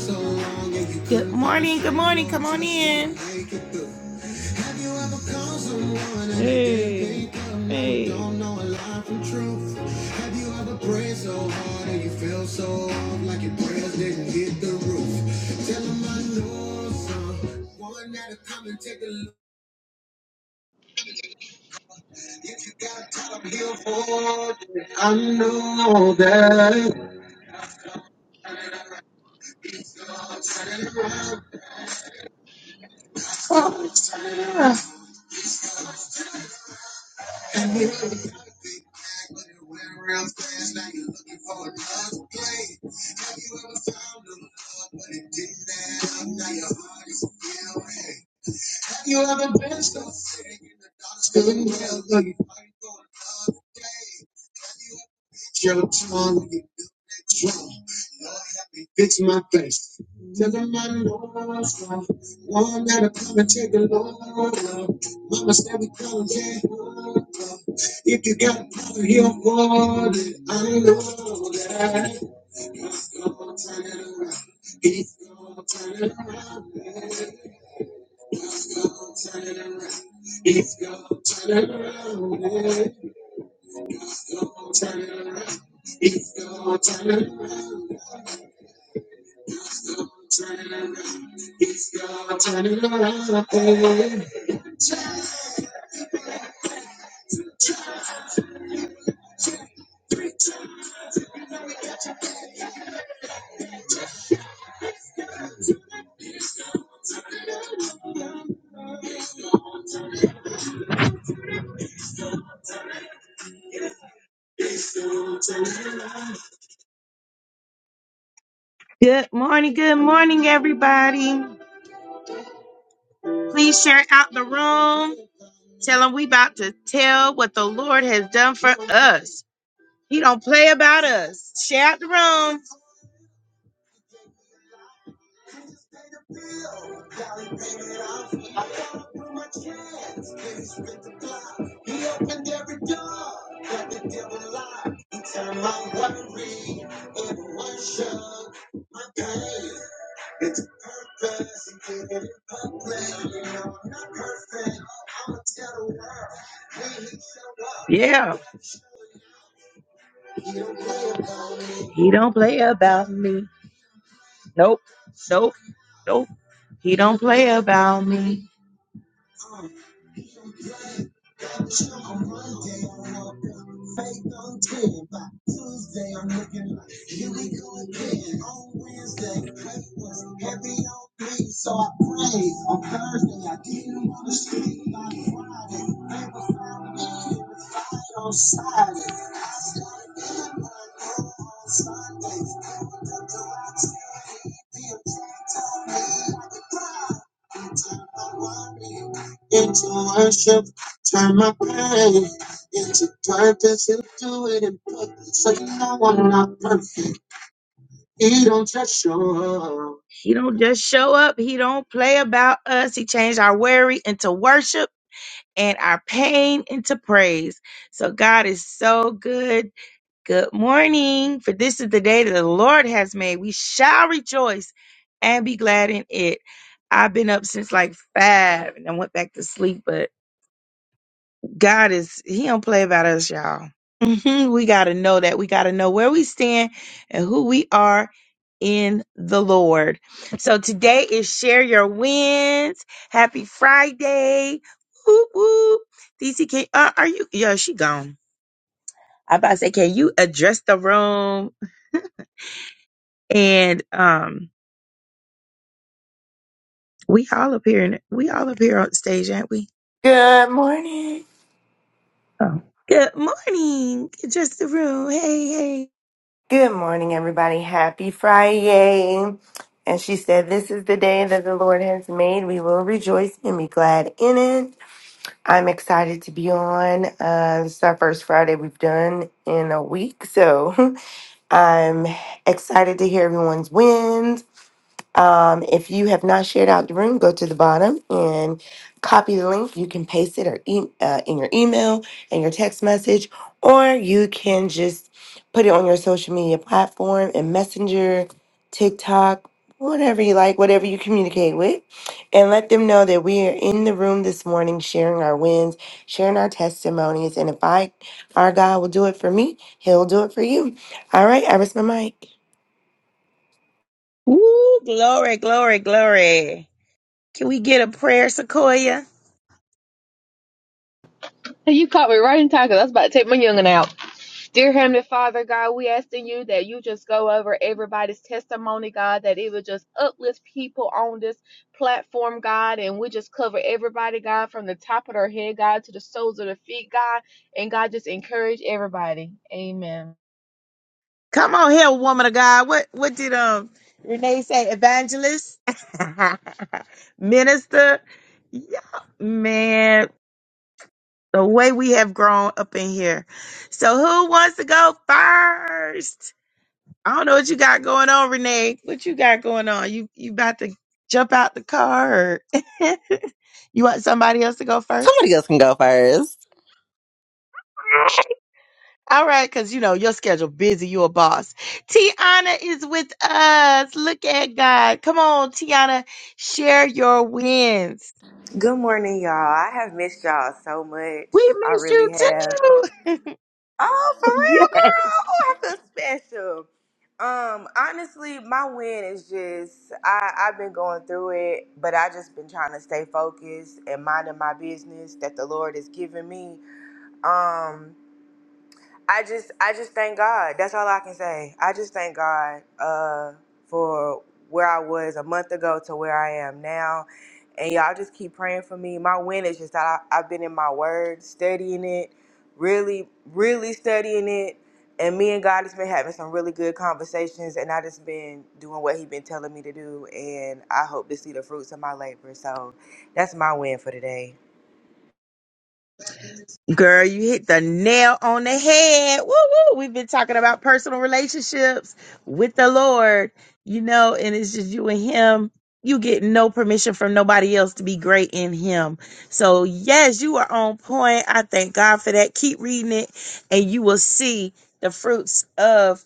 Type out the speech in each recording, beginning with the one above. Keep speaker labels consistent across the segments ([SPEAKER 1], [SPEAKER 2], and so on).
[SPEAKER 1] so Good morning, good morning, come on in. Good morning, good morning, everybody. Please share out the room. Tell them we about to tell what the Lord has done for us. He don't play about us. Share out the room. Yeah, he don't play about me. Nope, nope, nope. He don't play about me. He don't just show up. He don't play about us. He changed our worry into worship. and our pain into praise. So God is so good. Good morning. For this is the day that the Lord has made. We shall rejoice and be glad in it. I've been up since like five and I went back to sleep, but God is He don't play about us, y'all. Mhm. we gotta know that. We gotta know where we stand and who we are in the Lord. So today is share your wins. Happy Friday. Whoop whoop. DC can uh, are you yeah, she gone. I about to say, can you address the room? And um we all up here in, we all up here on stage, aren't we?
[SPEAKER 2] Good morning.
[SPEAKER 1] Oh. Good morning. Address the room. Hey, hey.
[SPEAKER 2] Good morning, everybody. Happy Friday. And she said, This is the day that the Lord has made. We will rejoice and be glad in it. I'm excited to be on. Uh, this is our first Friday we've done in a week. So I'm excited to hear everyone's wins. Um, if you have not shared out the room, go to the bottom and copy the link. You can paste it or e- uh, in your email and your text message, or you can just put it on your social media platform and Messenger, TikTok, whatever you like, whatever you communicate with, and let them know that we are in the room this morning sharing our wins, sharing our testimonies. And if I, our God will do it for me, He'll do it for you. All right, I rest my mic.
[SPEAKER 1] Ooh, glory, glory, glory. Can we get a prayer, Sequoia?
[SPEAKER 3] Hey, You caught me right in time because I was about to take my youngin' out. Dear Heavenly Father, God, we asking you that you just go over everybody's testimony, God, that it would just uplift people on this platform, God, and we just cover everybody, God, from the top of their head, God, to the soles of their feet, God, and God, just encourage everybody. Amen.
[SPEAKER 1] Come on here, woman of God. What what did um Renee say? Evangelist? Minister? Yeah, man. The way we have grown up in here. So who wants to go first? I don't know what you got going on, Renee. What you got going on? You you about to jump out the car or you want somebody else to go first?
[SPEAKER 4] Somebody else can go first.
[SPEAKER 1] All right, because you know your schedule busy. You're a boss. Tiana is with us. Look at God. Come on, Tiana, share your wins.
[SPEAKER 5] Good morning, y'all. I have missed y'all so much.
[SPEAKER 1] We
[SPEAKER 5] I
[SPEAKER 1] miss you
[SPEAKER 5] really have.
[SPEAKER 1] too.
[SPEAKER 5] Oh, for real, girl. Oh, I feel special. Um, honestly, my win is just I, I've been going through it, but I just been trying to stay focused and minding my business that the Lord has given me. Um, I just I just thank God. That's all I can say. I just thank God uh for where I was a month ago to where I am now. And y'all just keep praying for me. My win is just that I, I've been in my word, studying it, really, really studying it. And me and God has been having some really good conversations and I just been doing what he been telling me to do and I hope to see the fruits of my labor. So that's my win for today.
[SPEAKER 1] Girl, you hit the nail on the head. Woo woo. We've been talking about personal relationships with the Lord, you know, and it's just you and Him. You get no permission from nobody else to be great in Him. So, yes, you are on point. I thank God for that. Keep reading it, and you will see the fruits of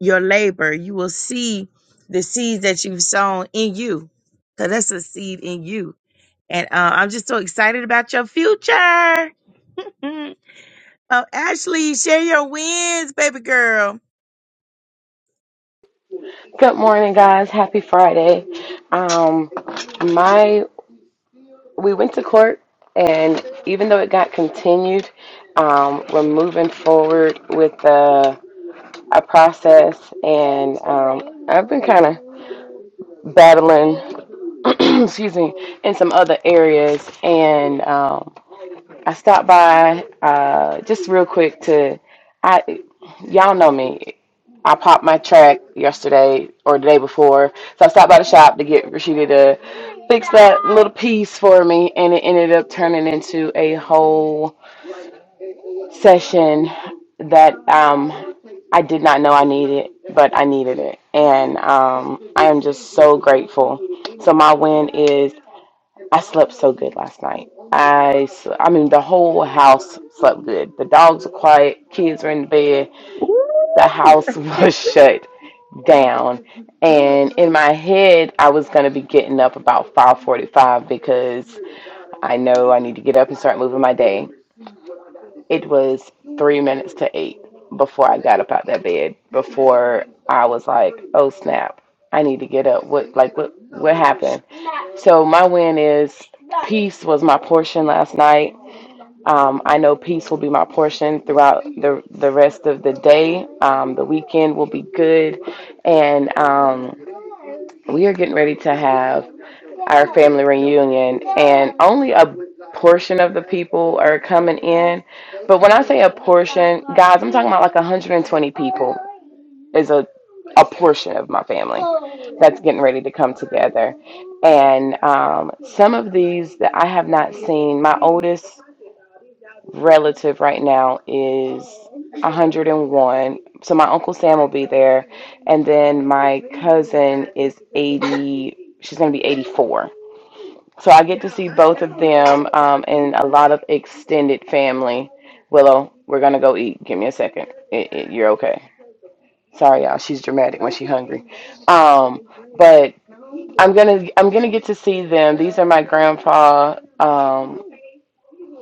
[SPEAKER 1] your labor. You will see the seeds that you've sown in you, because that's a seed in you. And uh, I'm just so excited about your future. Oh, Ashley, share your wins, baby girl.
[SPEAKER 6] Good morning, guys. Happy Friday. Um, my we went to court, and even though it got continued, um, we're moving forward with the a process, and um, I've been kind of battling, excuse me, in some other areas, and um, I stopped by uh, just real quick to, I y'all know me. I popped my track yesterday or the day before, so I stopped by the shop to get Rashida to fix that little piece for me, and it ended up turning into a whole session that um, I did not know I needed, but I needed it, and um, I am just so grateful. So my win is. I slept so good last night. I, s- I mean, the whole house slept good. The dogs were quiet, kids were in bed, the house was shut down. And in my head, I was gonna be getting up about 5:45 because I know I need to get up and start moving my day. It was three minutes to eight before I got up out that bed. Before I was like, "Oh snap, I need to get up." What like what what happened? So my win is peace was my portion last night. Um, I know peace will be my portion throughout the the rest of the day. Um, the weekend will be good, and. Um, we are getting ready to have our family reunion, and only a portion of the people are coming in. But when I say a portion, guys, I'm talking about like 120 people is a a portion of my family that's getting ready to come together. And um, some of these that I have not seen, my oldest relative right now is 101. So my uncle Sam will be there, and then my cousin is 80. She's gonna be 84. So I get to see both of them um, and a lot of extended family. Willow, we're gonna go eat. Give me a second. It, it, you're okay. Sorry, y'all. She's dramatic when she's hungry. Um, but I'm gonna I'm gonna get to see them. These are my grandpa. Um,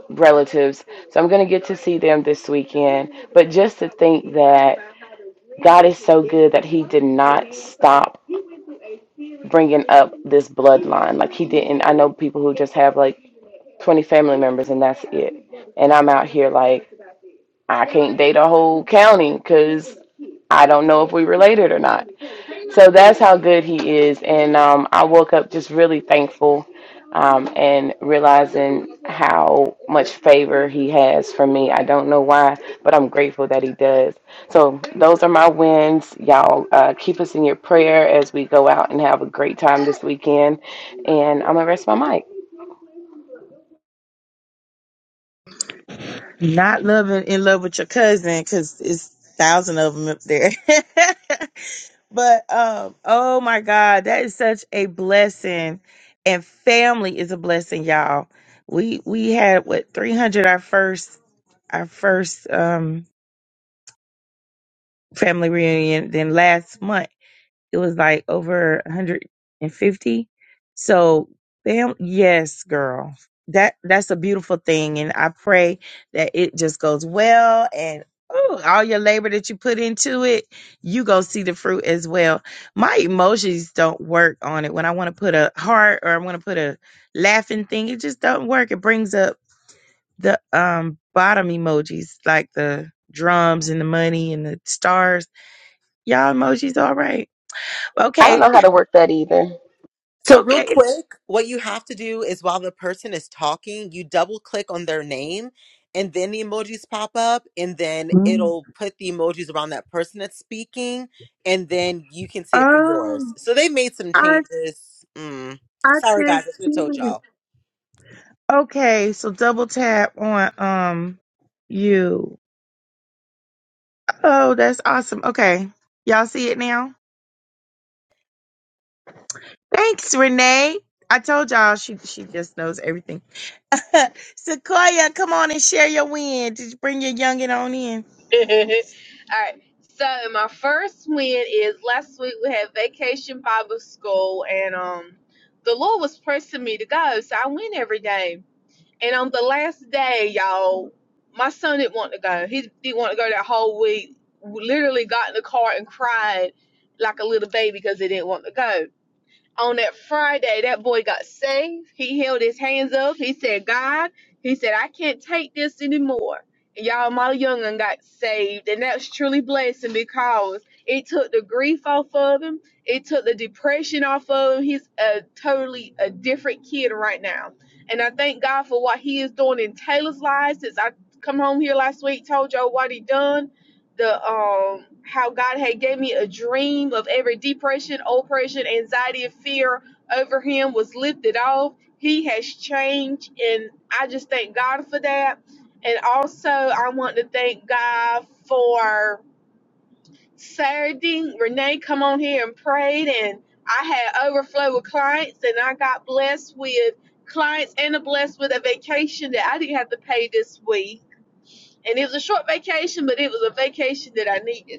[SPEAKER 6] relatives. So I'm going to get to see them this weekend. But just to think that God is so good that He did not stop bringing up this bloodline. Like He didn't. I know people who just have like 20 family members and that's it. And I'm out here like, I can't date a whole county because I don't know if we related or not. So that's how good he is. And um, I woke up just really thankful um, and realizing how much favor he has for me. I don't know why, but I'm grateful that he does. So those are my wins. Y'all uh, keep us in your prayer as we go out and have a great time this weekend. And I'm going to rest my mic.
[SPEAKER 1] Not loving in love with your cousin because it's thousand of them up there. but um, oh my God, that is such a blessing, and family is a blessing, y'all. We we had what three hundred our first our first um family reunion. Then last month it was like over 150 so fam yes girl that that's a beautiful thing and i pray that it just goes well and ooh, all your labor that you put into it you go see the fruit as well my emojis don't work on it when i want to put a heart or i want to put a laughing thing it just do not work it brings up the um bottom emojis like the drums and the money and the stars y'all emojis all right
[SPEAKER 6] I don't
[SPEAKER 1] Okay.
[SPEAKER 6] know how to work that either.
[SPEAKER 4] So, real
[SPEAKER 1] Okay.
[SPEAKER 4] quick, what you have to do is while the person is talking, you double click on their name and then the emojis pop up, and then
[SPEAKER 1] Mm.
[SPEAKER 4] it'll put the emojis around that person that's speaking, and then you can see it for yours.
[SPEAKER 1] Oh,
[SPEAKER 4] So, they made some
[SPEAKER 1] I
[SPEAKER 4] changes. Mm.
[SPEAKER 1] I
[SPEAKER 4] Sorry, guys,
[SPEAKER 1] just
[SPEAKER 4] I should have
[SPEAKER 1] did
[SPEAKER 4] told
[SPEAKER 1] it.
[SPEAKER 4] y'all.
[SPEAKER 1] Okay, so double tap on um you. Oh, that's awesome. Okay, y'all see it now. Thanks, Renee. I told y'all she she just knows everything. Sequoia, come on and share your win. Just bring your youngin on in.
[SPEAKER 3] All right. So my first win is last week we had Vacation Bible School, and um, the Lord was pressing me to go, so I went every day And on the last day, y'all, my son didn't want to go. He didn't want to go that whole week. We Literally got in the car and cried like a little baby because he didn't want to go on that Friday, that boy got saved. He held his hands up. He said, God, he said, I can't take this anymore. And y'all, my young'un got saved. And that's truly blessing because it took the grief off of him. It took the depression off of him. He's a totally a different kid right now. And I thank God for what he is doing in Taylor's life since I come home here last week, told y'all what he done the um how God had gave me a dream of every depression, oppression, anxiety, and fear over him was lifted off. He has changed, and I just thank God for that. And also, I want to thank God for Saturday. Renee come on here and prayed, and I had overflow with clients, and I got blessed with clients and blessed with a vacation that I didn't have to pay this week. And it was a short vacation, but it was a vacation that I needed.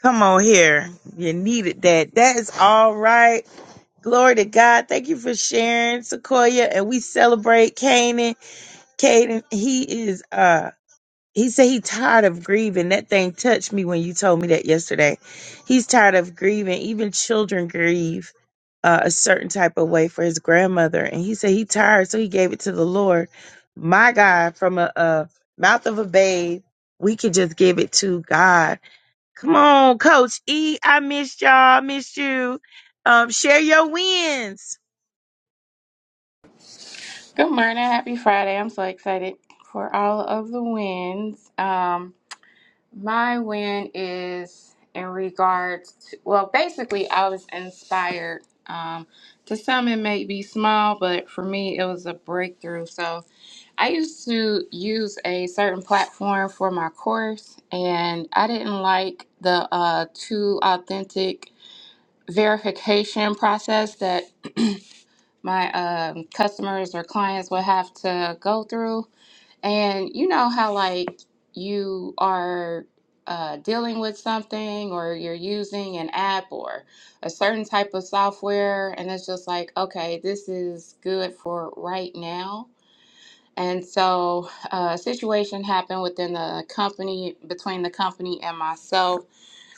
[SPEAKER 1] Come on here. You needed that. That is all right. Glory to God. Thank you for sharing, Sequoia. And we celebrate Kanan. Caden, he is uh he said he tired of grieving. That thing touched me when you told me that yesterday. He's tired of grieving. Even children grieve uh, a certain type of way for his grandmother. And he said he tired, so he gave it to the Lord. My God, from a, a mouth of a babe, we can just give it to God Come on, Coach E. I missed y'all. Missed you. Um, share your wins.
[SPEAKER 7] Good morning. Happy Friday. I'm so excited for all of the wins. Um, my win is in regards to, well, basically, I was inspired. Um, to some, it may be small, but for me, it was a breakthrough. So I used to use a certain platform for my course, and I didn't like the uh, two authentic verification process that my um, customers or clients would have to go through. And you know how, like, you are uh, dealing with something or you're using an app or a certain type of software, and it's just like, okay, this is good for right now. And so uh, a situation happened within the company, between the company and myself.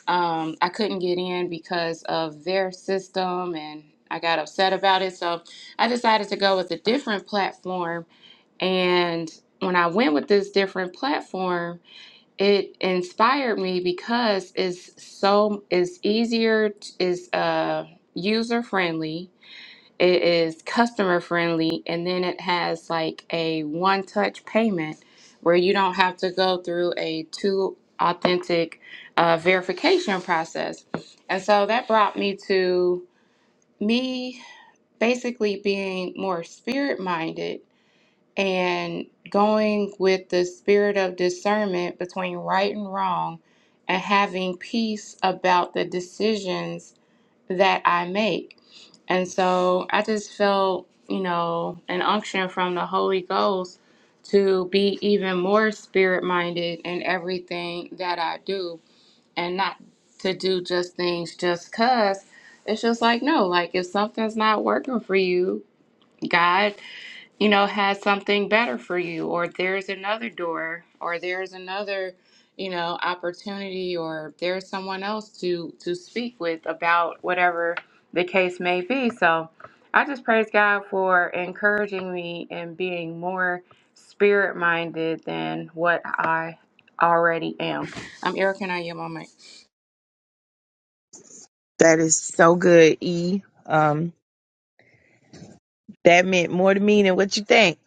[SPEAKER 7] Um, I couldn't get in because of their system and I got upset about it. So I decided to go with a different platform and when I went with this different platform, it inspired me because it's so it's easier, it's uh user friendly, it is customer friendly, and then it has like a one touch payment where you don't have to go through a two authentic uh, verification process. And so that brought me to me basically being more spirit minded and going with the spirit of discernment between right and wrong and having peace about the decisions that I make. And so I just felt, you know, an unction from the Holy Ghost to be even more spirit minded in everything that I do and not to do just things just because. It's just like, no, like if something's not working for you, God you know, has something better for you, or there's another door, or there's another, you know, opportunity, or there's someone else to to speak with about whatever the case may be. So, I just praise God for encouraging me and being more spirit minded than what I already am. I'm Erica, and I am on my.
[SPEAKER 1] That is so good, E. Um, that meant more to me than what you think.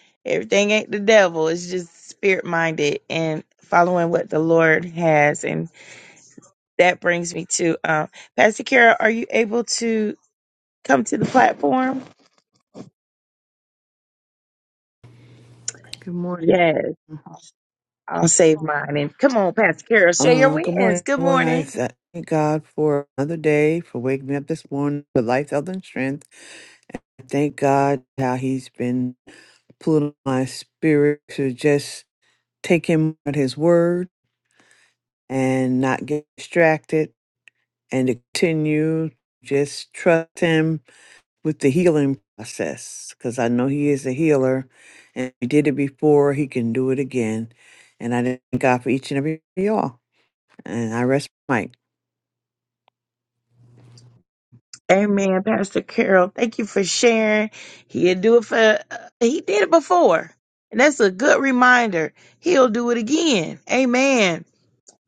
[SPEAKER 1] Everything ain't the devil. It's just spirit minded and following what the Lord has. And that brings me to um, Pastor Kara. Are you able to come to the platform?
[SPEAKER 8] Good morning.
[SPEAKER 1] Yes, I'll save mine. And come on, Pastor Kara, share your
[SPEAKER 8] Uh, good
[SPEAKER 1] wins.
[SPEAKER 8] morning,
[SPEAKER 1] Good
[SPEAKER 8] everyone. I
[SPEAKER 1] morning.
[SPEAKER 8] sa- thank God for another day, for waking me up this morning with life, health, and strength. Thank God how He's been pulling my spirit to just take Him at His word and not get distracted and to continue just trust Him with the healing process because I know He is a healer and He did it before, He can do it again. And I thank God for each and every one of y'all. And I rest my mic.
[SPEAKER 1] Amen, Pastor Carol. Thank you for sharing. He'll do it for, uh, he did it before. And that's a good reminder. He'll do it again. Amen.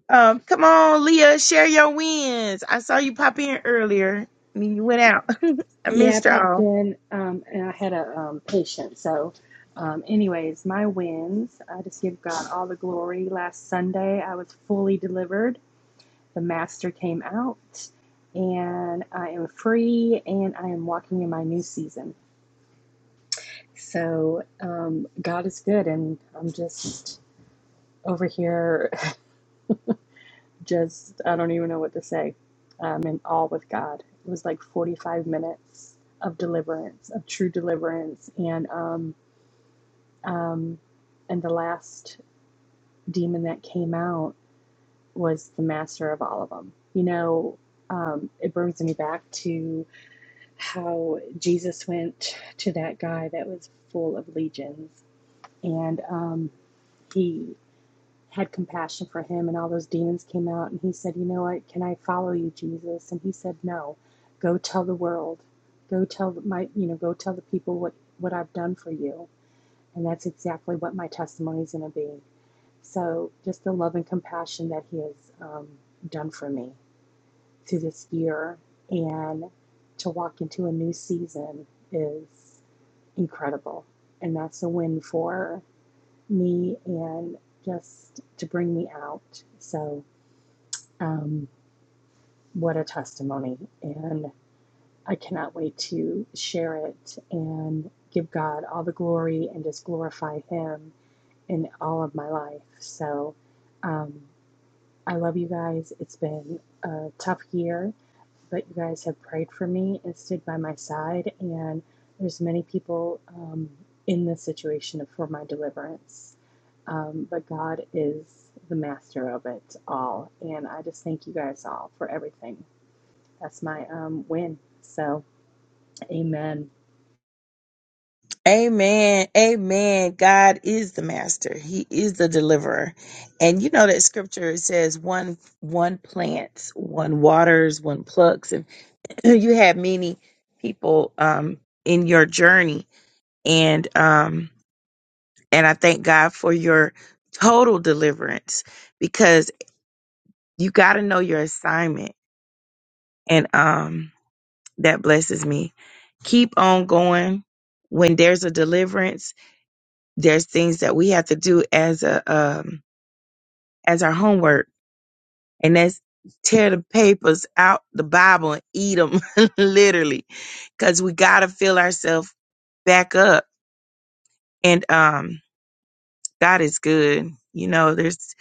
[SPEAKER 1] Um, come on, Leah, share your wins. I saw you pop in earlier and then you went out. I
[SPEAKER 9] Yeah, I
[SPEAKER 1] missed
[SPEAKER 9] popped
[SPEAKER 1] y'all.
[SPEAKER 9] in um, and I had a um, patient. So, um, anyways, my wins. I just give God all the glory. Last Sunday, I was fully delivered. The master came out, and I am free and I am walking in my new season. So, um, God is good, and I'm just over here, just I don't even know what to say. I'm in awe with God. It was like 45 minutes of deliverance, of true deliverance. And, um, Um, and the last demon that came out was the master of all of them. You know, um, it brings me back to how Jesus went to that guy that was full of legions, and um, he had compassion for him, and all those demons came out, and he said, "You know what? Can I follow you, Jesus?" And he said, "No. Go tell the world. Go tell my, you know, go tell the people what what I've done for you." And that's exactly what my testimony is going to be. So just the love and compassion that He has um, done for me through this year and to walk into a new season is incredible. And that's a win for me and just to bring me out. So, um, what a testimony. And I cannot wait to share it and give God all the glory and just glorify Him in all of my life. So, um, I love you guys. It's been a tough year, but you guys have prayed for me and stood by my side. And there's many people um, in this situation for my deliverance. Um, but God is the master of it all. And I just thank you guys all for everything. That's my um, win. So, amen.
[SPEAKER 1] Amen. Amen. God is the master. He is the deliverer. And you know that scripture says one one plants, one waters, one plucks, and." you had many people um in your journey and um and I thank God for your total deliverance because you got to know your assignment and um that blesses me. Keep on going. When there's a deliverance, there's things that we have to do as a um as our homework and that's tear the papers out the Bible and eat them literally cuz we got to fill ourselves back up and um God is good. You know, there's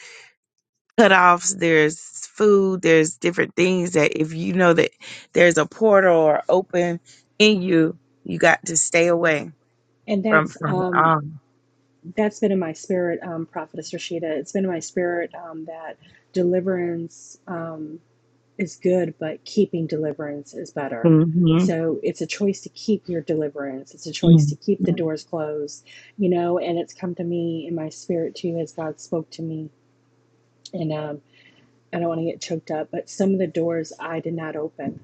[SPEAKER 1] cutoffs, there's food, there's different things that if you know that there's a portal or open in you, you got to stay away
[SPEAKER 9] And
[SPEAKER 1] from
[SPEAKER 9] that's
[SPEAKER 1] from
[SPEAKER 9] um,
[SPEAKER 1] um.
[SPEAKER 9] that's been in my spirit, um, Prophetess Rashida. It's been in my spirit um, that deliverance. Um, is good, but keeping deliverance is better.
[SPEAKER 1] Mhm.
[SPEAKER 9] So it's a choice to keep your deliverance. It's a choice
[SPEAKER 1] Mhm.
[SPEAKER 9] to keep the doors closed, you know. And it's come to me in my spirit too as God spoke to me. And um, I don't want to get choked up, but some of the doors I did not open.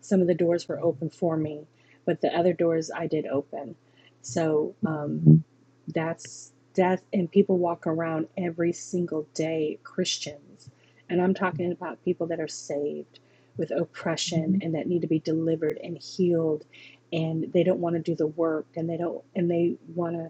[SPEAKER 9] Some of the doors were open for me, but the other doors I did open. So um,
[SPEAKER 1] Mhm.
[SPEAKER 9] that's death, and people walk around every single day, Christians. And I'm talking about people that are saved with oppression and that need to be delivered and healed and they don't want to do the work and they don't and they want to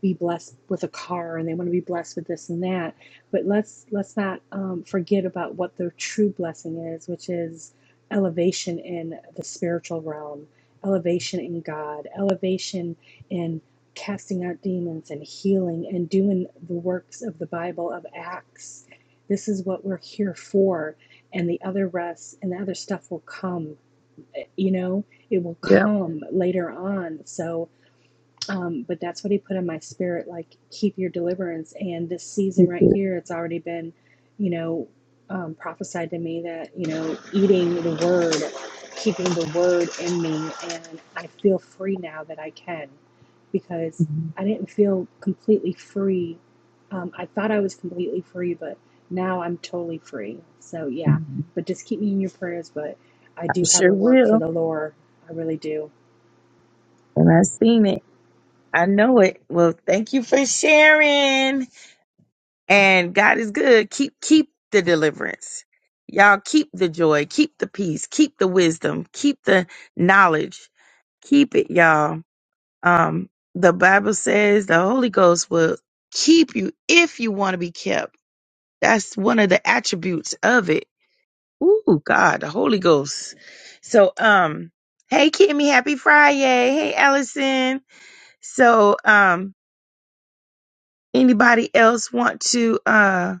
[SPEAKER 9] be blessed with a car and they want to be blessed with this and that but let's let's not um, forget about what the true blessing is which is elevation in the spiritual realm elevation in god elevation in casting out demons and healing and doing the works of the bible of acts this is what we're here for and the other rest and the other stuff will come eh, you know it will
[SPEAKER 1] Yep.
[SPEAKER 9] come later on so um, but that's what he put in my spirit, like keep your deliverance. And this season right here, it's already been, you know, um, prophesied to me that you know eating the word, keeping the word in me, and I feel free now that I can, because I didn't feel completely free. Um, I thought I was completely free, but now I'm totally free. So yeah, but just keep me in your prayers. But I
[SPEAKER 1] I
[SPEAKER 9] do have a
[SPEAKER 1] sure
[SPEAKER 9] work for
[SPEAKER 1] will,
[SPEAKER 9] the Lord. I really do
[SPEAKER 1] and I seen it. I know it. Well, thank you for sharing. And God is good. Keep keep the deliverance. Y'all keep the joy, keep the peace, keep the wisdom, keep the knowledge. Keep it, y'all. Um the Bible says the Holy Ghost will keep you if you want to be kept. That's one of the attributes of it. Ooh, God, the Holy Ghost. So um hey Kimmy, happy Friday. Hey Allison. So um anybody else want to uh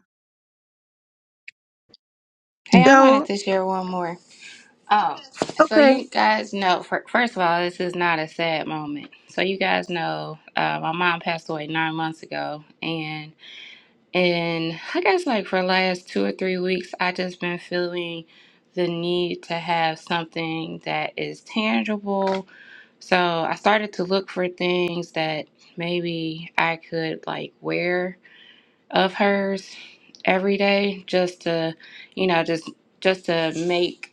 [SPEAKER 7] Hey, I wanted
[SPEAKER 1] go?
[SPEAKER 7] to share one more. Oh, so
[SPEAKER 1] Okay.
[SPEAKER 7] you guys know, fir- first of all, this is not a sad moment. So you guys know, uh, my mom passed away nine months ago, and and I guess like for the last two or three weeks, I just been feeling the need to have something that is tangible. So I started to look for things that maybe I could like wear of hers every day, just to, you know, just just to make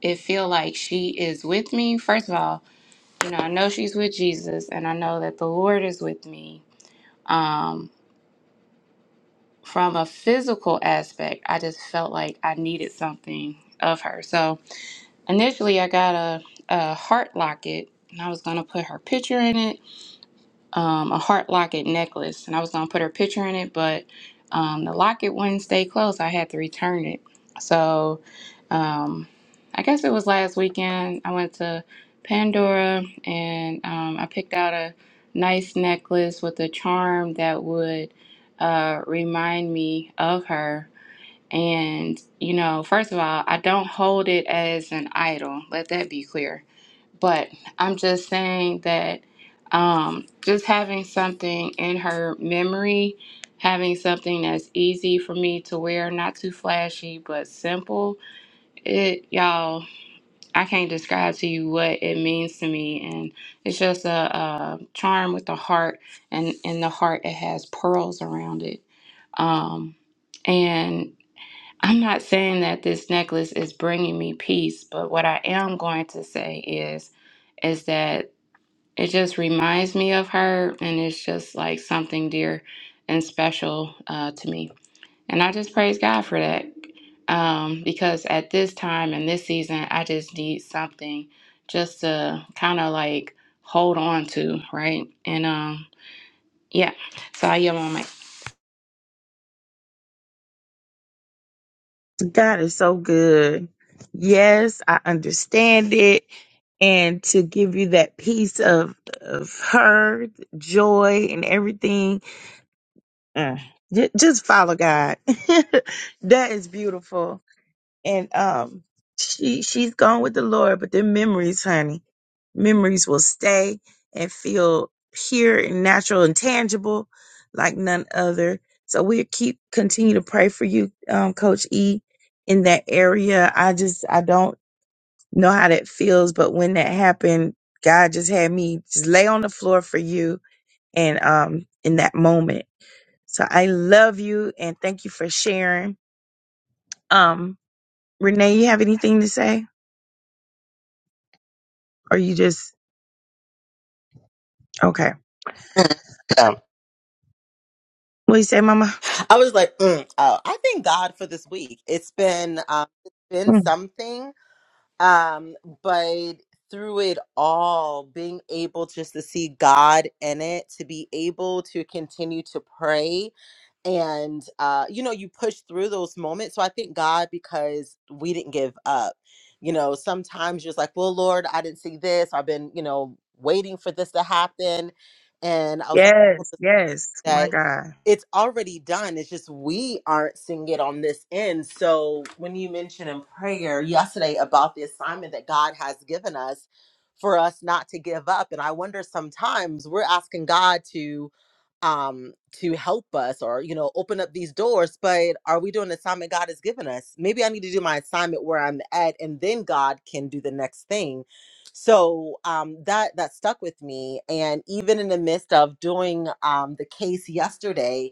[SPEAKER 7] it feel like she is with me first of all you know i know she's with jesus and i know that the lord is with me um from a physical aspect i just felt like i needed something of her so initially i got a, a heart locket and i was gonna put her picture in it um, a heart locket necklace, and I was gonna put her picture in it, but um, the locket wouldn't stay closed. I had to return it. So um, I guess it was last weekend. I went to Pandora and um, I picked out a nice necklace with a charm that would uh, remind me of her. And you know, first of all, I don't hold it as an idol. Let that be clear but I'm just saying that um, just having something in her memory, having something that's easy for me to wear, not too flashy but simple. It y'all, I can't describe to you what it means to me, and it's just a, a charm with a heart, and in the heart it has pearls around it. Um, and I'm not saying that this necklace is bringing me peace, but what I am going to say is, is that it just reminds me of her and it's just like something dear and special uh, to me and i just praise god for that um, because at this time and this season i just need something just to kind of like hold on to right and um yeah so i am on my
[SPEAKER 1] God is so good. Yes, I understand it. And to give you that piece of, of her joy and everything, uh, ju- just follow God. that is beautiful and um she she's gone with the Lord, but their memories, honey, memories will stay and feel pure and natural and tangible like none other. So we'll keep continue to pray for you, um, Coach E, in that area. I just I don't know how that feels, but when that happened, God just had me just lay on the floor for you and um in that moment. So I love you and thank you for sharing. Um, Renee, you have anything to say? Or you just okay?
[SPEAKER 4] Um,
[SPEAKER 1] What you say, Mama?
[SPEAKER 4] I was like, mm, oh, I thank God for this week. It's been, um, it's been
[SPEAKER 1] Mm.
[SPEAKER 4] something. um but through it all being able just to see god in it to be able to continue to pray and uh you know you push through those moments so i thank god because we didn't give up you know sometimes you're just like well lord i didn't see this i've been you know waiting for this to happen and i was so thankful
[SPEAKER 1] Yes,
[SPEAKER 4] this morning
[SPEAKER 1] yes. My
[SPEAKER 4] that
[SPEAKER 1] God.
[SPEAKER 4] it's already done. It's just we aren't seeing it on this end. So when you mentioned in prayer yesterday about the assignment that God has given us for us not to give up, and I wonder sometimes we're asking God to um to help us or you know open up these doors but are we doing the assignment god has given us maybe i need to do my assignment where i'm at and then god can do the next thing so um, that that stuck with me and even in the midst of doing um, the case yesterday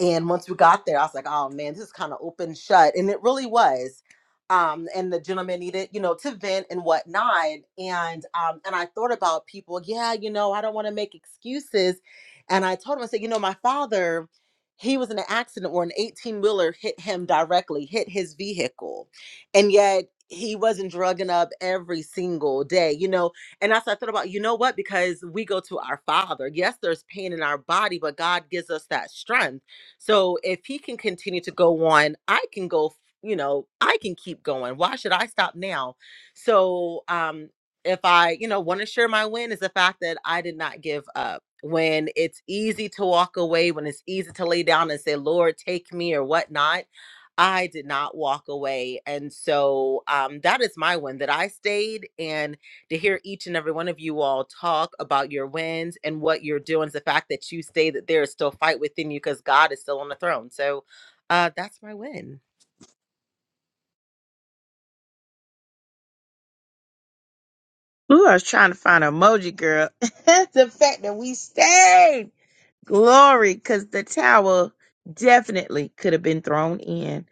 [SPEAKER 4] and once we got there i was like oh man this is kind of open shut and it really was um, and the gentleman needed you know to vent and whatnot and um, and i thought about people yeah you know i don't want to make excuses and i told him i said you know my father he was in an accident where an 18 wheeler hit him directly hit his vehicle and yet he wasn't drugging up every single day, you know. And as I thought about, you know what? Because we go to our Father. Yes, there's pain in our body, but God gives us that strength. So if He can continue to go on, I can go. f- You know, I can keep going. Why should I stop now? So, um, if I, you know, want to share my win is the fact that I did not give up. When it's easy to walk away, when it's easy to lay down and say, "Lord, take me" or whatnot I did not walk away. And so um, that is my win that I stayed. And to hear each and every one of you all talk about your wins and what you're doing is the fact that you stay, that there is still fight within you because God is still on the throne. So uh, that's my win.
[SPEAKER 1] Ooh, I was trying to find an emoji, girl. the fact that we stayed, glory, because the towel definitely could have been thrown in.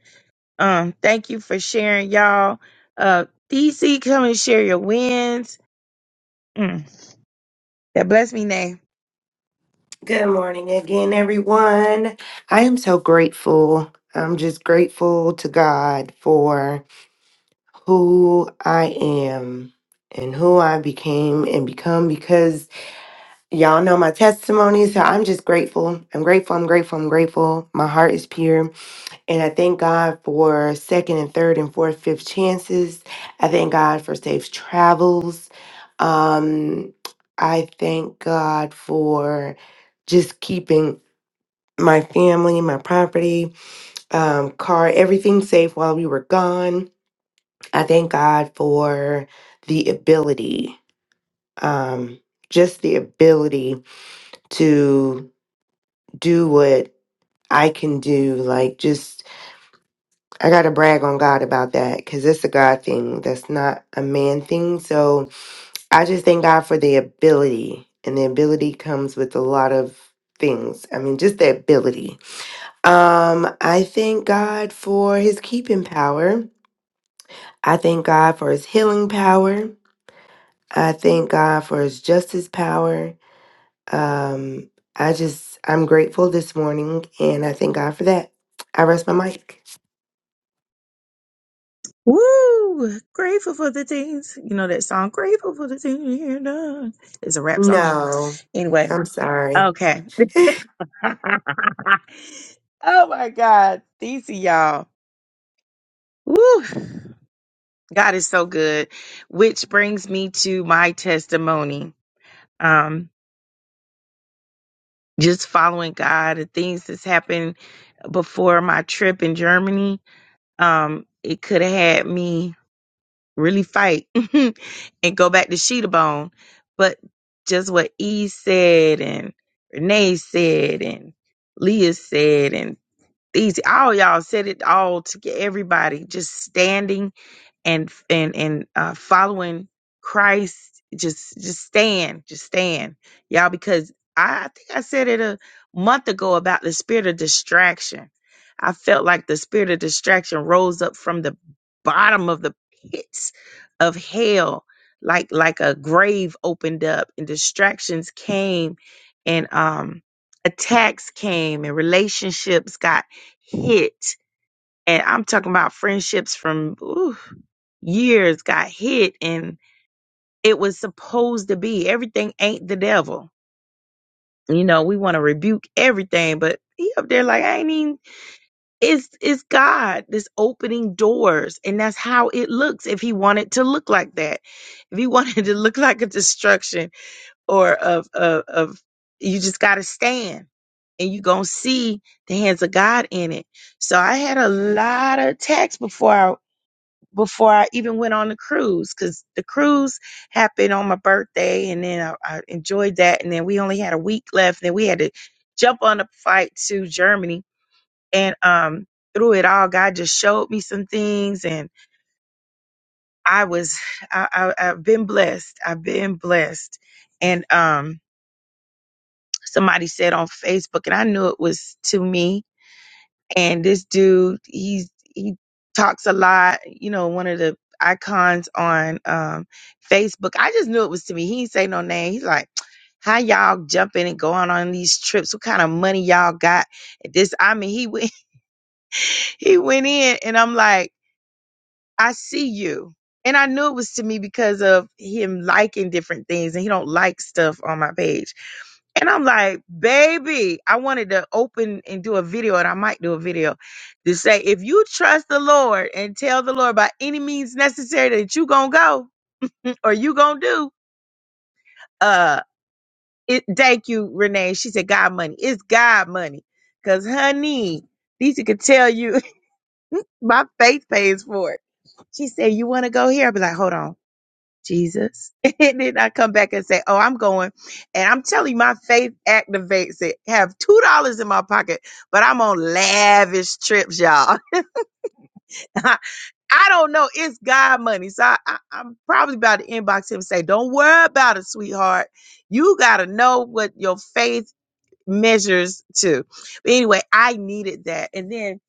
[SPEAKER 1] Um, thank you for sharing, y'all. Uh, DC, come and share your wins. Mm, that bless me name.
[SPEAKER 2] Good morning again, everyone. I am so grateful. I'm just grateful to God for who I am and who I became and become because y'all know my testimony. So I'm just grateful. I'm grateful. I'm grateful. I'm grateful. My heart is pure. And I thank God for second and third and fourth, fifth chances. I thank God for safe travels. Um, I thank God for just keeping my family, my property, um, car, everything safe while we were gone. I thank God for the ability, um, just the ability to do what I can do. Like, just, I got to brag on God about that because it's a God thing. That's not a man thing. So I just thank God for the ability. And the ability comes with a lot of things. I mean, just the ability Um, I thank God for his keeping power. I thank God for his healing power. I thank God for his justice power. Um, I just, I'm grateful this morning and I thank God for that. I rest my mic.
[SPEAKER 1] Woo! Grateful for the things. You know that song, Grateful for the things you Hear done. It's a rap song.
[SPEAKER 2] No,
[SPEAKER 1] Anyway,
[SPEAKER 2] I'm sorry.
[SPEAKER 1] okay. oh my God. These are y'all. Woo. God is so good. Which brings me to my testimony. Um, just following God, the things that's happened before my trip in Germany, um, it could have had me really fight and go back to Sheeta Bone. But just what E said and Renee said and Leah said and These all y'all said it all to get everybody just standing and and and uh, following Christ. Just just stand, just stand, y'all. Because I, I think I said it a month ago about the spirit of distraction. I felt like the spirit of distraction rose up from the bottom of the pits of hell, like like a grave opened up, and distractions came, and um attacks came, and relationships got hit. And I'm talking about friendships from ooh, years got hit and it was supposed to be everything ain't the devil you know we want to rebuke everything but he up there like i ain't even it's it's god that's opening doors and that's how it looks if he wanted to look like that if he wanted to look like a destruction or of of, of you just gotta stand and you gonna see the hands of god in it so i had a lot of attacks before before I even went on the cruise because the cruise happened on my birthday and then I, I enjoyed that and then we only had a week left and then we had to jump on a flight to Germany and um through it all God just showed me some things and I was I, I I've been blessed I've been blessed and um somebody said on Facebook and I knew it was to me and this dude he's he talks a lot you know one of the icons on um facebook i just knew it was to me he didn't say no name he's like how y'all jumping and going on these trips what kind of money y'all got this i mean he went he went in and i'm like I see you. And I knew it was to me because of him liking different things and he don't like stuff on my page. And I'm like, baby, I wanted to open and do a video, and I might do a video to say, if you trust the Lord and tell the Lord by any means necessary that you gonna go mm, or you gonna do, uh, it, thank you, Renee. She said, God money. It's God money. Cause honey, Lisa could tell you my faith pays for it. She said, you want to go here? I'll be like, hold on. Jesus. And then I come back and say, Oh, I'm going. And I'm telling you, my faith activates it. Have two dollars in my pocket, but I'm on lavish trips, y'all. I don't know. It's God money. So I, I, I'm probably about to inbox him and say, Don't worry about it, sweetheart. You gotta know what your faith measures to. But anyway, I needed that. And then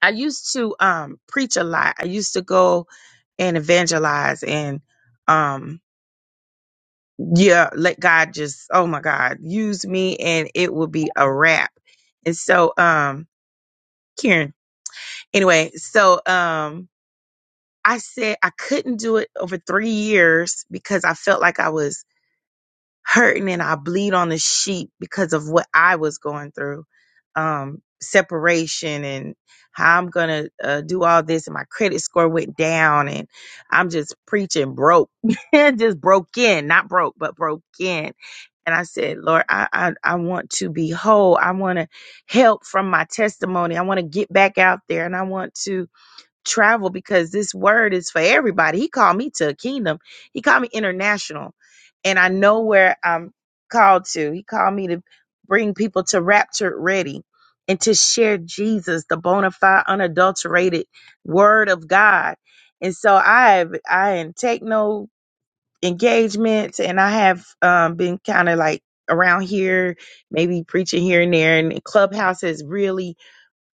[SPEAKER 1] I used to um preach a lot. I used to go and evangelize and um yeah, let God just, oh my God, use me and it will be a wrap. And so, um, Karen, anyway, so, um, I said I couldn't do it over three years because I felt like I was hurting and I bleed on the sheep because of what I was going through. Um, separation and how I'm going to uh, do all this and my credit score went down and I'm just preaching broke, just broke in, not broke, but broke in. And I said, Lord, I, I, I want to be whole. I want to help from my testimony. I want to get back out there and I want to travel because this word is for everybody. He called me to a kingdom. He called me international. And I know where I'm called to. He called me to bring people to rapture ready and to share Jesus, the bona fide, unadulterated word of God. And so I have I didn't take no engagements and I have um, been kind of like around here, maybe preaching here and there. And Clubhouse has really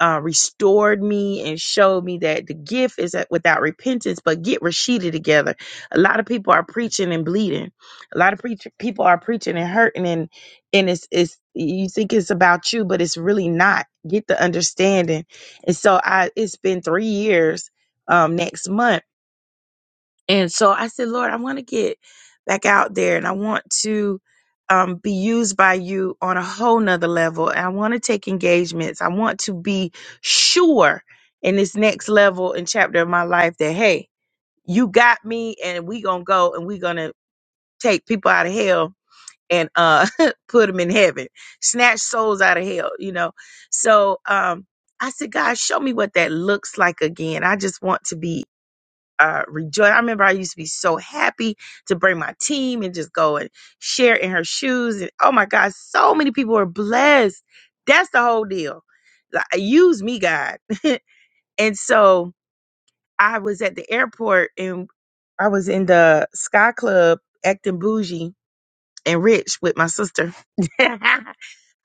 [SPEAKER 1] uh, restored me and showed me that the gift is that without repentance, but get Rashida together. A lot of people are preaching and bleeding. A lot of preach- people are preaching and hurting and, and it's, it's, you think it's about you, but it's really not. Get the understanding. And so I, it's been three years, um, next month and so I said, Lord, I want to get back out there and I want to um, be used by you on a whole nother level. And I want to take engagements. I want to be sure in this next level and chapter of my life that, hey, you got me and we going to go and we going to take people out of hell and uh, put them in heaven, snatch souls out of hell, you know? So, um, I said, God, show me what that looks like again. I just want to be uh, rejoice. I remember I used to be so happy to bring my team and just go and share in her shoes. And oh my God, so many people were blessed. That's the whole deal. Like, use me, God. and so I was at the airport and I was in the Sky Club acting bougie and rich with my sister.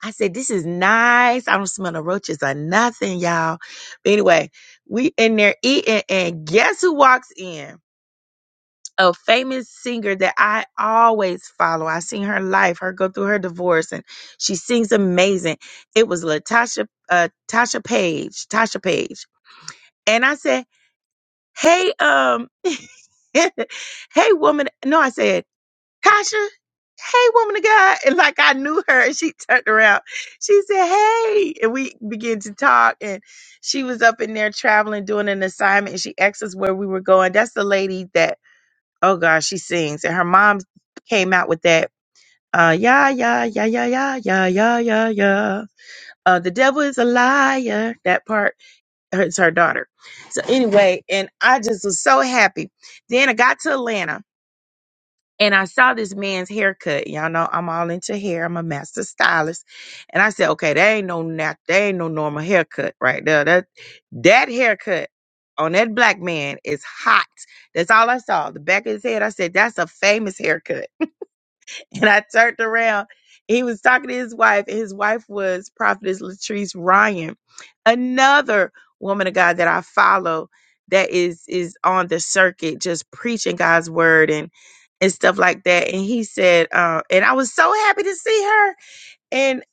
[SPEAKER 1] I said, this is nice. I don't smell no roaches or nothing, y'all. But anyway, we in there eating and guess who walks in? a famous singer that I always follow. I seen her life, her go through her divorce, and she sings amazing. It was Latasha, uh, Tasha Page, Tasha Page, and I said, "Hey, um, hey, woman." No, I said, "Tasha, hey, woman of God," and like I knew her, and she turned around. She said, "Hey," and we began to talk, and she was up in there traveling, doing an assignment, and she asked us where we were going. That's the lady that Oh gosh, she sings. And her mom came out with that uh yeah, yeah, yeah, yeah, yeah, yeah, yeah, yeah, yeah. Uh the devil is a liar. That part hurts her daughter. So anyway, and I just was so happy. Then I got to Atlanta and I saw this man's haircut. Y'all know I'm all into hair. I'm a master stylist. And I said, okay, that ain't no nat- that ain't no normal haircut right there. That that haircut on that black man is hot. That's all I saw. The back of his head, I said, that's a famous haircut. And I turned around. He was talking to his wife, and his wife was Prophetess Latrice Ryan, another woman of God that I follow that is is on the circuit just preaching God's word and and stuff like that. And he said, uh, and I was so happy to see her. And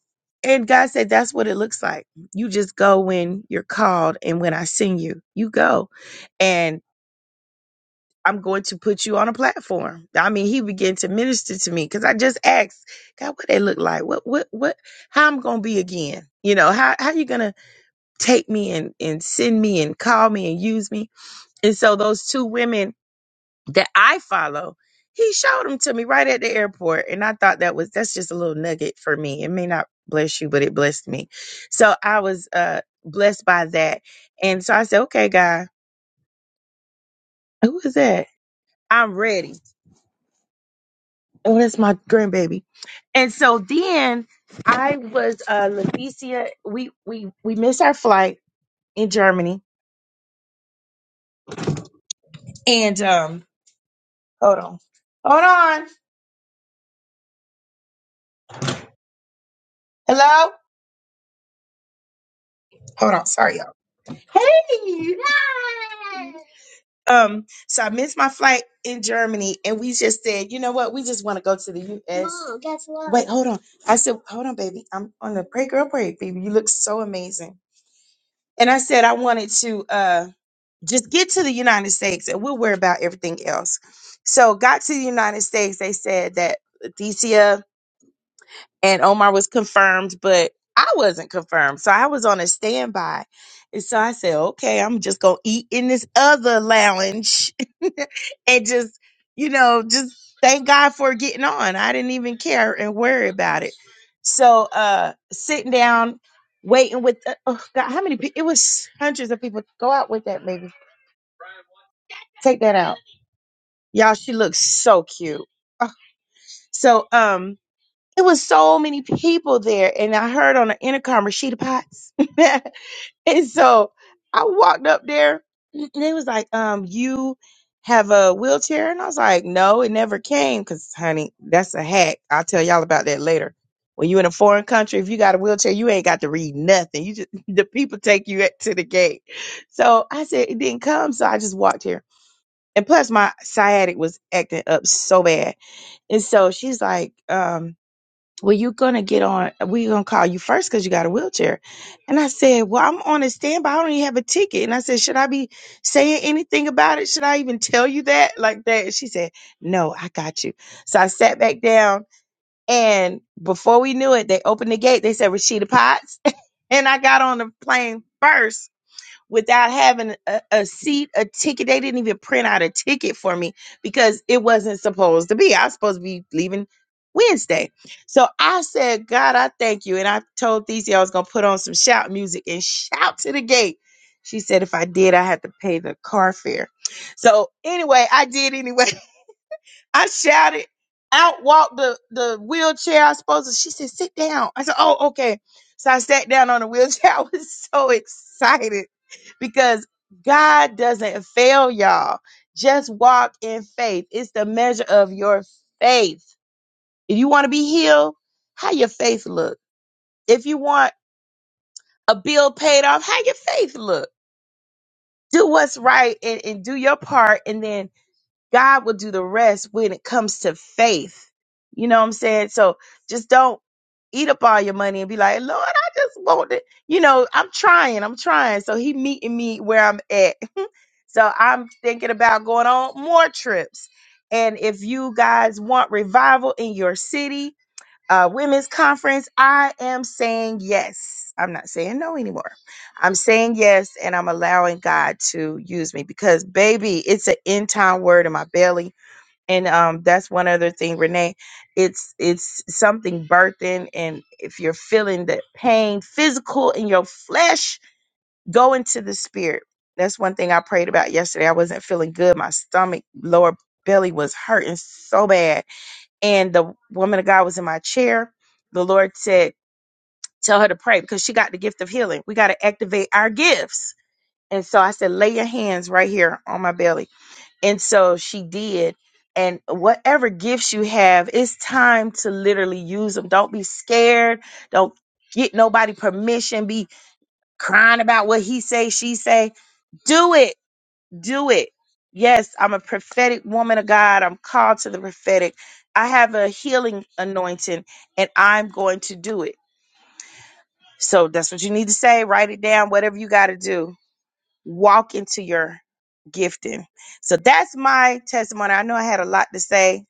[SPEAKER 1] and God said, that's what it looks like. You just go when you're called and when I send you, you go I'm going to put you on a platform. I mean, he began to minister to me because I just asked, God, what they look like? What, what, what, how I'm going to be again? You know, how, how you going to take me and, and send me and call me and use me? And so those two women that I follow, he showed them to me right at the airport. And I thought that was, that's just a little nugget for me. It may not bless you, but it blessed me. So I was, uh, blessed by that. And so I said, okay, God, who is that? I'm ready. Oh, that's my grandbaby. And so then I was uh Levicia. We we we missed our flight in Germany. And um hold on. Hold on. Hello? Hold on, sorry y'all. Hey. Um, so I missed my flight in Germany and we just said, you know what, we just want to go to the US. Mom. Wait, hold on. I said, hold on, baby. I'm on the pray girl pray, baby. You look so amazing. And I said I wanted to uh just get to the United States and we'll worry about everything else. So got to the United States, they said that Leticia and Omar was confirmed, but I wasn't confirmed. So I was on a standby. And so I said, okay, I'm just gonna eat in this other lounge and just, you know, just thank God for getting on. I didn't even care and worry about it. So uh sitting down, waiting with uh, oh god, how many people it was hundreds of people. Go out with that, maybe. Take that out. Y'all, she looks so cute. Ugh. So, um, it was so many people there, and I heard on the intercom Rashida Potts, and so I walked up there, and they was like, "Um, you have a wheelchair?" And I was like, "No, it never came, cause honey, that's a hack. I'll tell y'all about that later." When you in a foreign country, if you got a wheelchair, you ain't got to read nothing. You just the people take you at- to the gate. So I said it didn't come, so I just walked here. And plus my sciatic was acting up so bad. And so she's like, um, well, you gonna get on, we gonna call you first because you got a wheelchair. And I said, well, I'm on a standby. I don't even have a ticket. And I said, should I be saying anything about it? Should I even tell you that like that? And she said, no, I got you. So I sat back down and before we knew it, they opened the gate. They said, Rashida Potts. and I got on the plane first without having a, a seat, a ticket. They didn't even print out a ticket for me because it wasn't supposed to be. I was supposed to be leaving Wednesday. So I said, God, I thank you. And I told Thesey I was going to put on some shout music and shout to the gate. She said, if I did, I had to pay the car fare. So anyway, I did anyway. I shouted, out walked the, the wheelchair I was supposed to. She said, sit down. I said, oh, okay. So I sat down on the wheelchair. I was so excited because God doesn't fail y'all. Just walk in faith. It's the measure of your faith. If you want to be healed, how your faith look. If you want a bill paid off, how your faith look. Do what's right and, and do your part, and then God will do the rest when it comes to faith. You know what I'm saying? So just don't eat up all your money and be like, Lord, I just want it. You know, I'm trying, I'm trying. So he meeting me where I'm at. so I'm thinking about going on more trips. And if you guys want revival in your city, uh, women's conference, I am saying yes. I'm not saying no anymore. I'm saying yes, and I'm allowing God to use me because, baby, it's an end time word in my belly, and um, that's one other thing, Renee. It's it's something birthing, and if you're feeling the pain, physical in your flesh, go into the spirit. That's one thing I prayed about yesterday. I wasn't feeling good. My stomach, lower belly was hurting so bad and the woman of God was in my chair. The Lord said, Tell her to pray because she got the gift of healing. We got to activate our gifts. And so I said, Lay your hands right here on my belly. And so she did. And whatever gifts you have, it's time to literally use them. Don't be scared. Don't get nobody permission. Be crying about what he say, she say. Do it do it. Yes, I'm a prophetic woman of God. I'm called to the prophetic. I have a healing anointing and I'm going to do it. So that's what you need to say. Write it down, whatever you got to do. Walk into your gifting. So that's my testimony. I know I had a lot to say,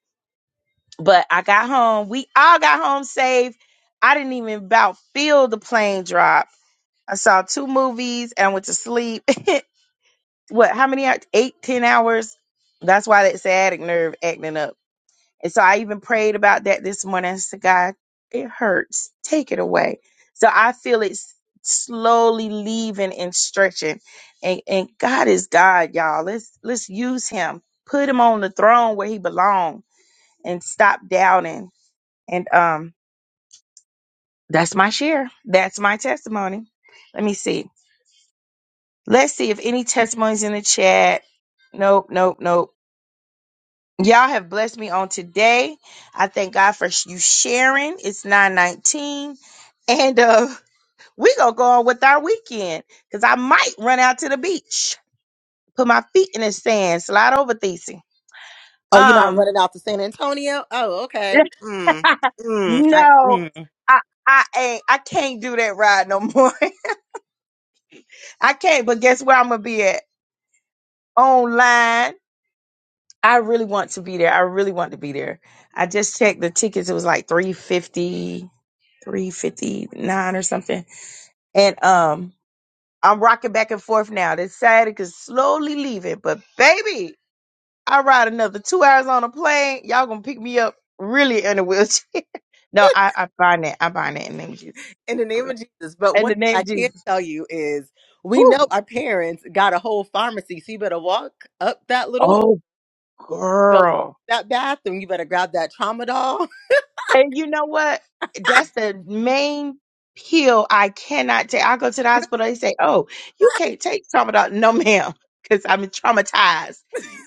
[SPEAKER 1] but I got home. We all got home safe. I didn't even about feel the plane drop. I saw two movies and I went to sleep. what how many hours eight ten hours that's why that sciatic nerve acting up and so i even prayed about that this morning i said god it hurts take it away so i feel it s- slowly leaving and stretching and and god is god y'all let's let's use him put him on the throne where he belongs and stop doubting and um that's my share that's my testimony let me see let's see if any testimonies in the chat nope nope nope Y'all have blessed me on today. I thank God for sh- you sharing. It's 919. And uh we gonna go on with our weekend because I might run out to the beach, put my feet in the sand, slide over Thesey.
[SPEAKER 4] Oh, you're not
[SPEAKER 1] Um
[SPEAKER 4] running out to San Antonio? Oh, okay. Mm, mm, I,
[SPEAKER 1] no,
[SPEAKER 4] mm.
[SPEAKER 1] I I ain't I can't do that ride no more. I can't, but guess where I'm gonna be at? Online. I really want to be there. I really want to be there. I just checked the tickets, it was like three fifty, three fifty nine or something. And um, I'm rocking back and forth now. This Saturday is slowly leaving, but baby, I ride another two hours on a plane. Y'all gonna pick me up really in a wheelchair. no, I, I find that. I bind that in the name of Jesus.
[SPEAKER 4] In the name of Jesus. But
[SPEAKER 1] In
[SPEAKER 4] one
[SPEAKER 1] the
[SPEAKER 4] thing
[SPEAKER 1] name
[SPEAKER 4] I
[SPEAKER 1] of
[SPEAKER 4] can
[SPEAKER 1] Jesus.
[SPEAKER 4] tell you is we know
[SPEAKER 1] Whew.
[SPEAKER 4] our parents got a whole pharmacy. So you better walk up that little
[SPEAKER 1] Oh,
[SPEAKER 4] go
[SPEAKER 1] girl.
[SPEAKER 4] that bathroom. You better grab that trauma doll.
[SPEAKER 1] And you know what? That's the main pill I cannot take. I go to the
[SPEAKER 4] Really?
[SPEAKER 1] hospital. They say, "Oh, you can't take tramadol." No, ma'am, because I'm traumatized.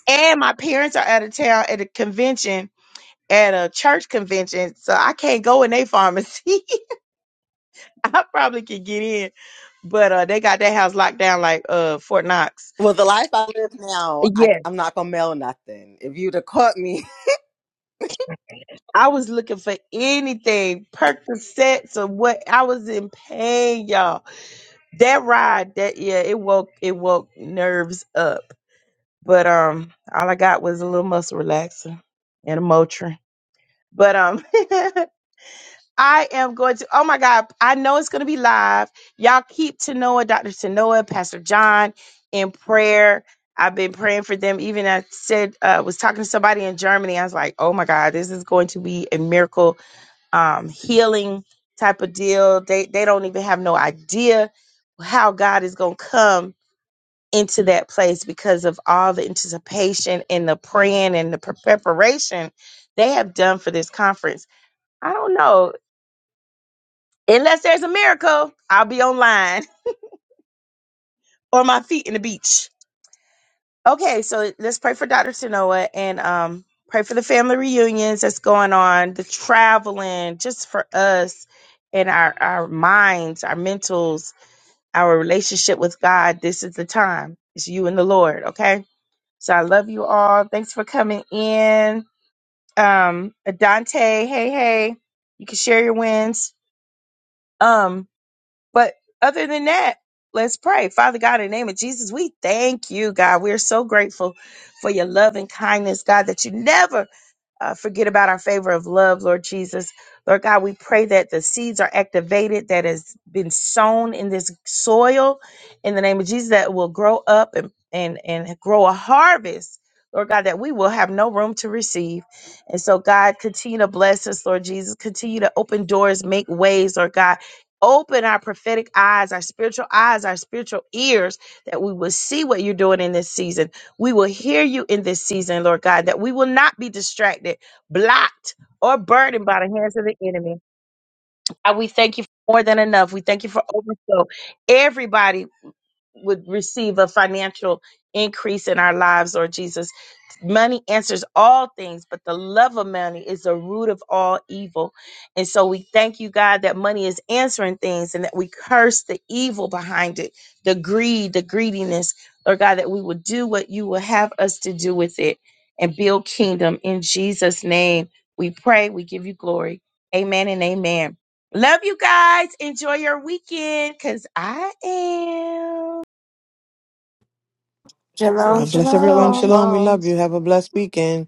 [SPEAKER 1] And my parents are out of town at a convention at a church convention, so I can't go in their pharmacy. I probably could get in, but uh, they got that house locked down like uh Fort Knox.
[SPEAKER 4] Well, the life I live now, I,
[SPEAKER 1] Yes,
[SPEAKER 4] I'm not gonna mail nothing. If you'd have caught me,
[SPEAKER 1] I was looking for anything, Percocets or what. I was in pain, y'all. That ride, that yeah, it woke it woke nerves up. But um, all I got was a little muscle relaxer and a Motrin. But um, I am going to, oh my God, I know it's going to be live. Y'all keep Tanoa, Dr. Tanoa, Pastor John in prayer. I've been praying for them. Even I said, uh, was talking to somebody in Germany. I was like, oh my God, this is going to be a miracle um, healing type of deal. They, they don't even have no idea how God is going to come into that place because of all the anticipation and the praying and the pre- preparation they have done for this conference. I don't know Unless there's a miracle, I'll be online or my feet in the beach. Okay, so let's pray for Dr. Sanoa and um pray for the family reunions that's going on, the traveling, just for us and our our minds, our mentals, our relationship with God. This is the time. It's you and the Lord, okay? So I love you all. Thanks for coming in. Um Dante, hey hey. You can share your wins. Um But other than that, let's pray. Father God, in the name of Jesus, we thank you, God. We're so grateful for your love and kindness, God, that you never uh, forget about our favor of love, Lord Jesus. Lord God, we pray that the seeds are activated that has been sown in this soil in the name of Jesus that will grow up and, and, and grow a harvest, Lord God, that we will have no room to receive. And so, God, continue to bless us, Lord Jesus. Continue to open doors, make ways, Lord God. Open our prophetic eyes, our spiritual eyes, our spiritual ears, that we will see what you're doing in this season we will hear you in this season, Lord God, that we will not be distracted, blocked, or burdened by the hands of the enemy. And we thank you for more than enough. We thank you for overflow. Everybody would receive a financial increase in our lives, Lord Jesus. Money answers all things, but the love of money is the root of all evil. And so we thank you, God, that money is answering things and that we curse the evil behind it, the greed, the greediness, Lord God, that we will do what you will have us to do with it and build kingdom. In Jesus' name, we pray, we give you glory. Amen and amen. Love you guys. Enjoy your weekend because I am.
[SPEAKER 2] Shalom,
[SPEAKER 8] God bless everyone.
[SPEAKER 6] Shalom,
[SPEAKER 2] shalom.
[SPEAKER 8] Shalom. We
[SPEAKER 6] shalom.
[SPEAKER 8] love you. Have a blessed weekend.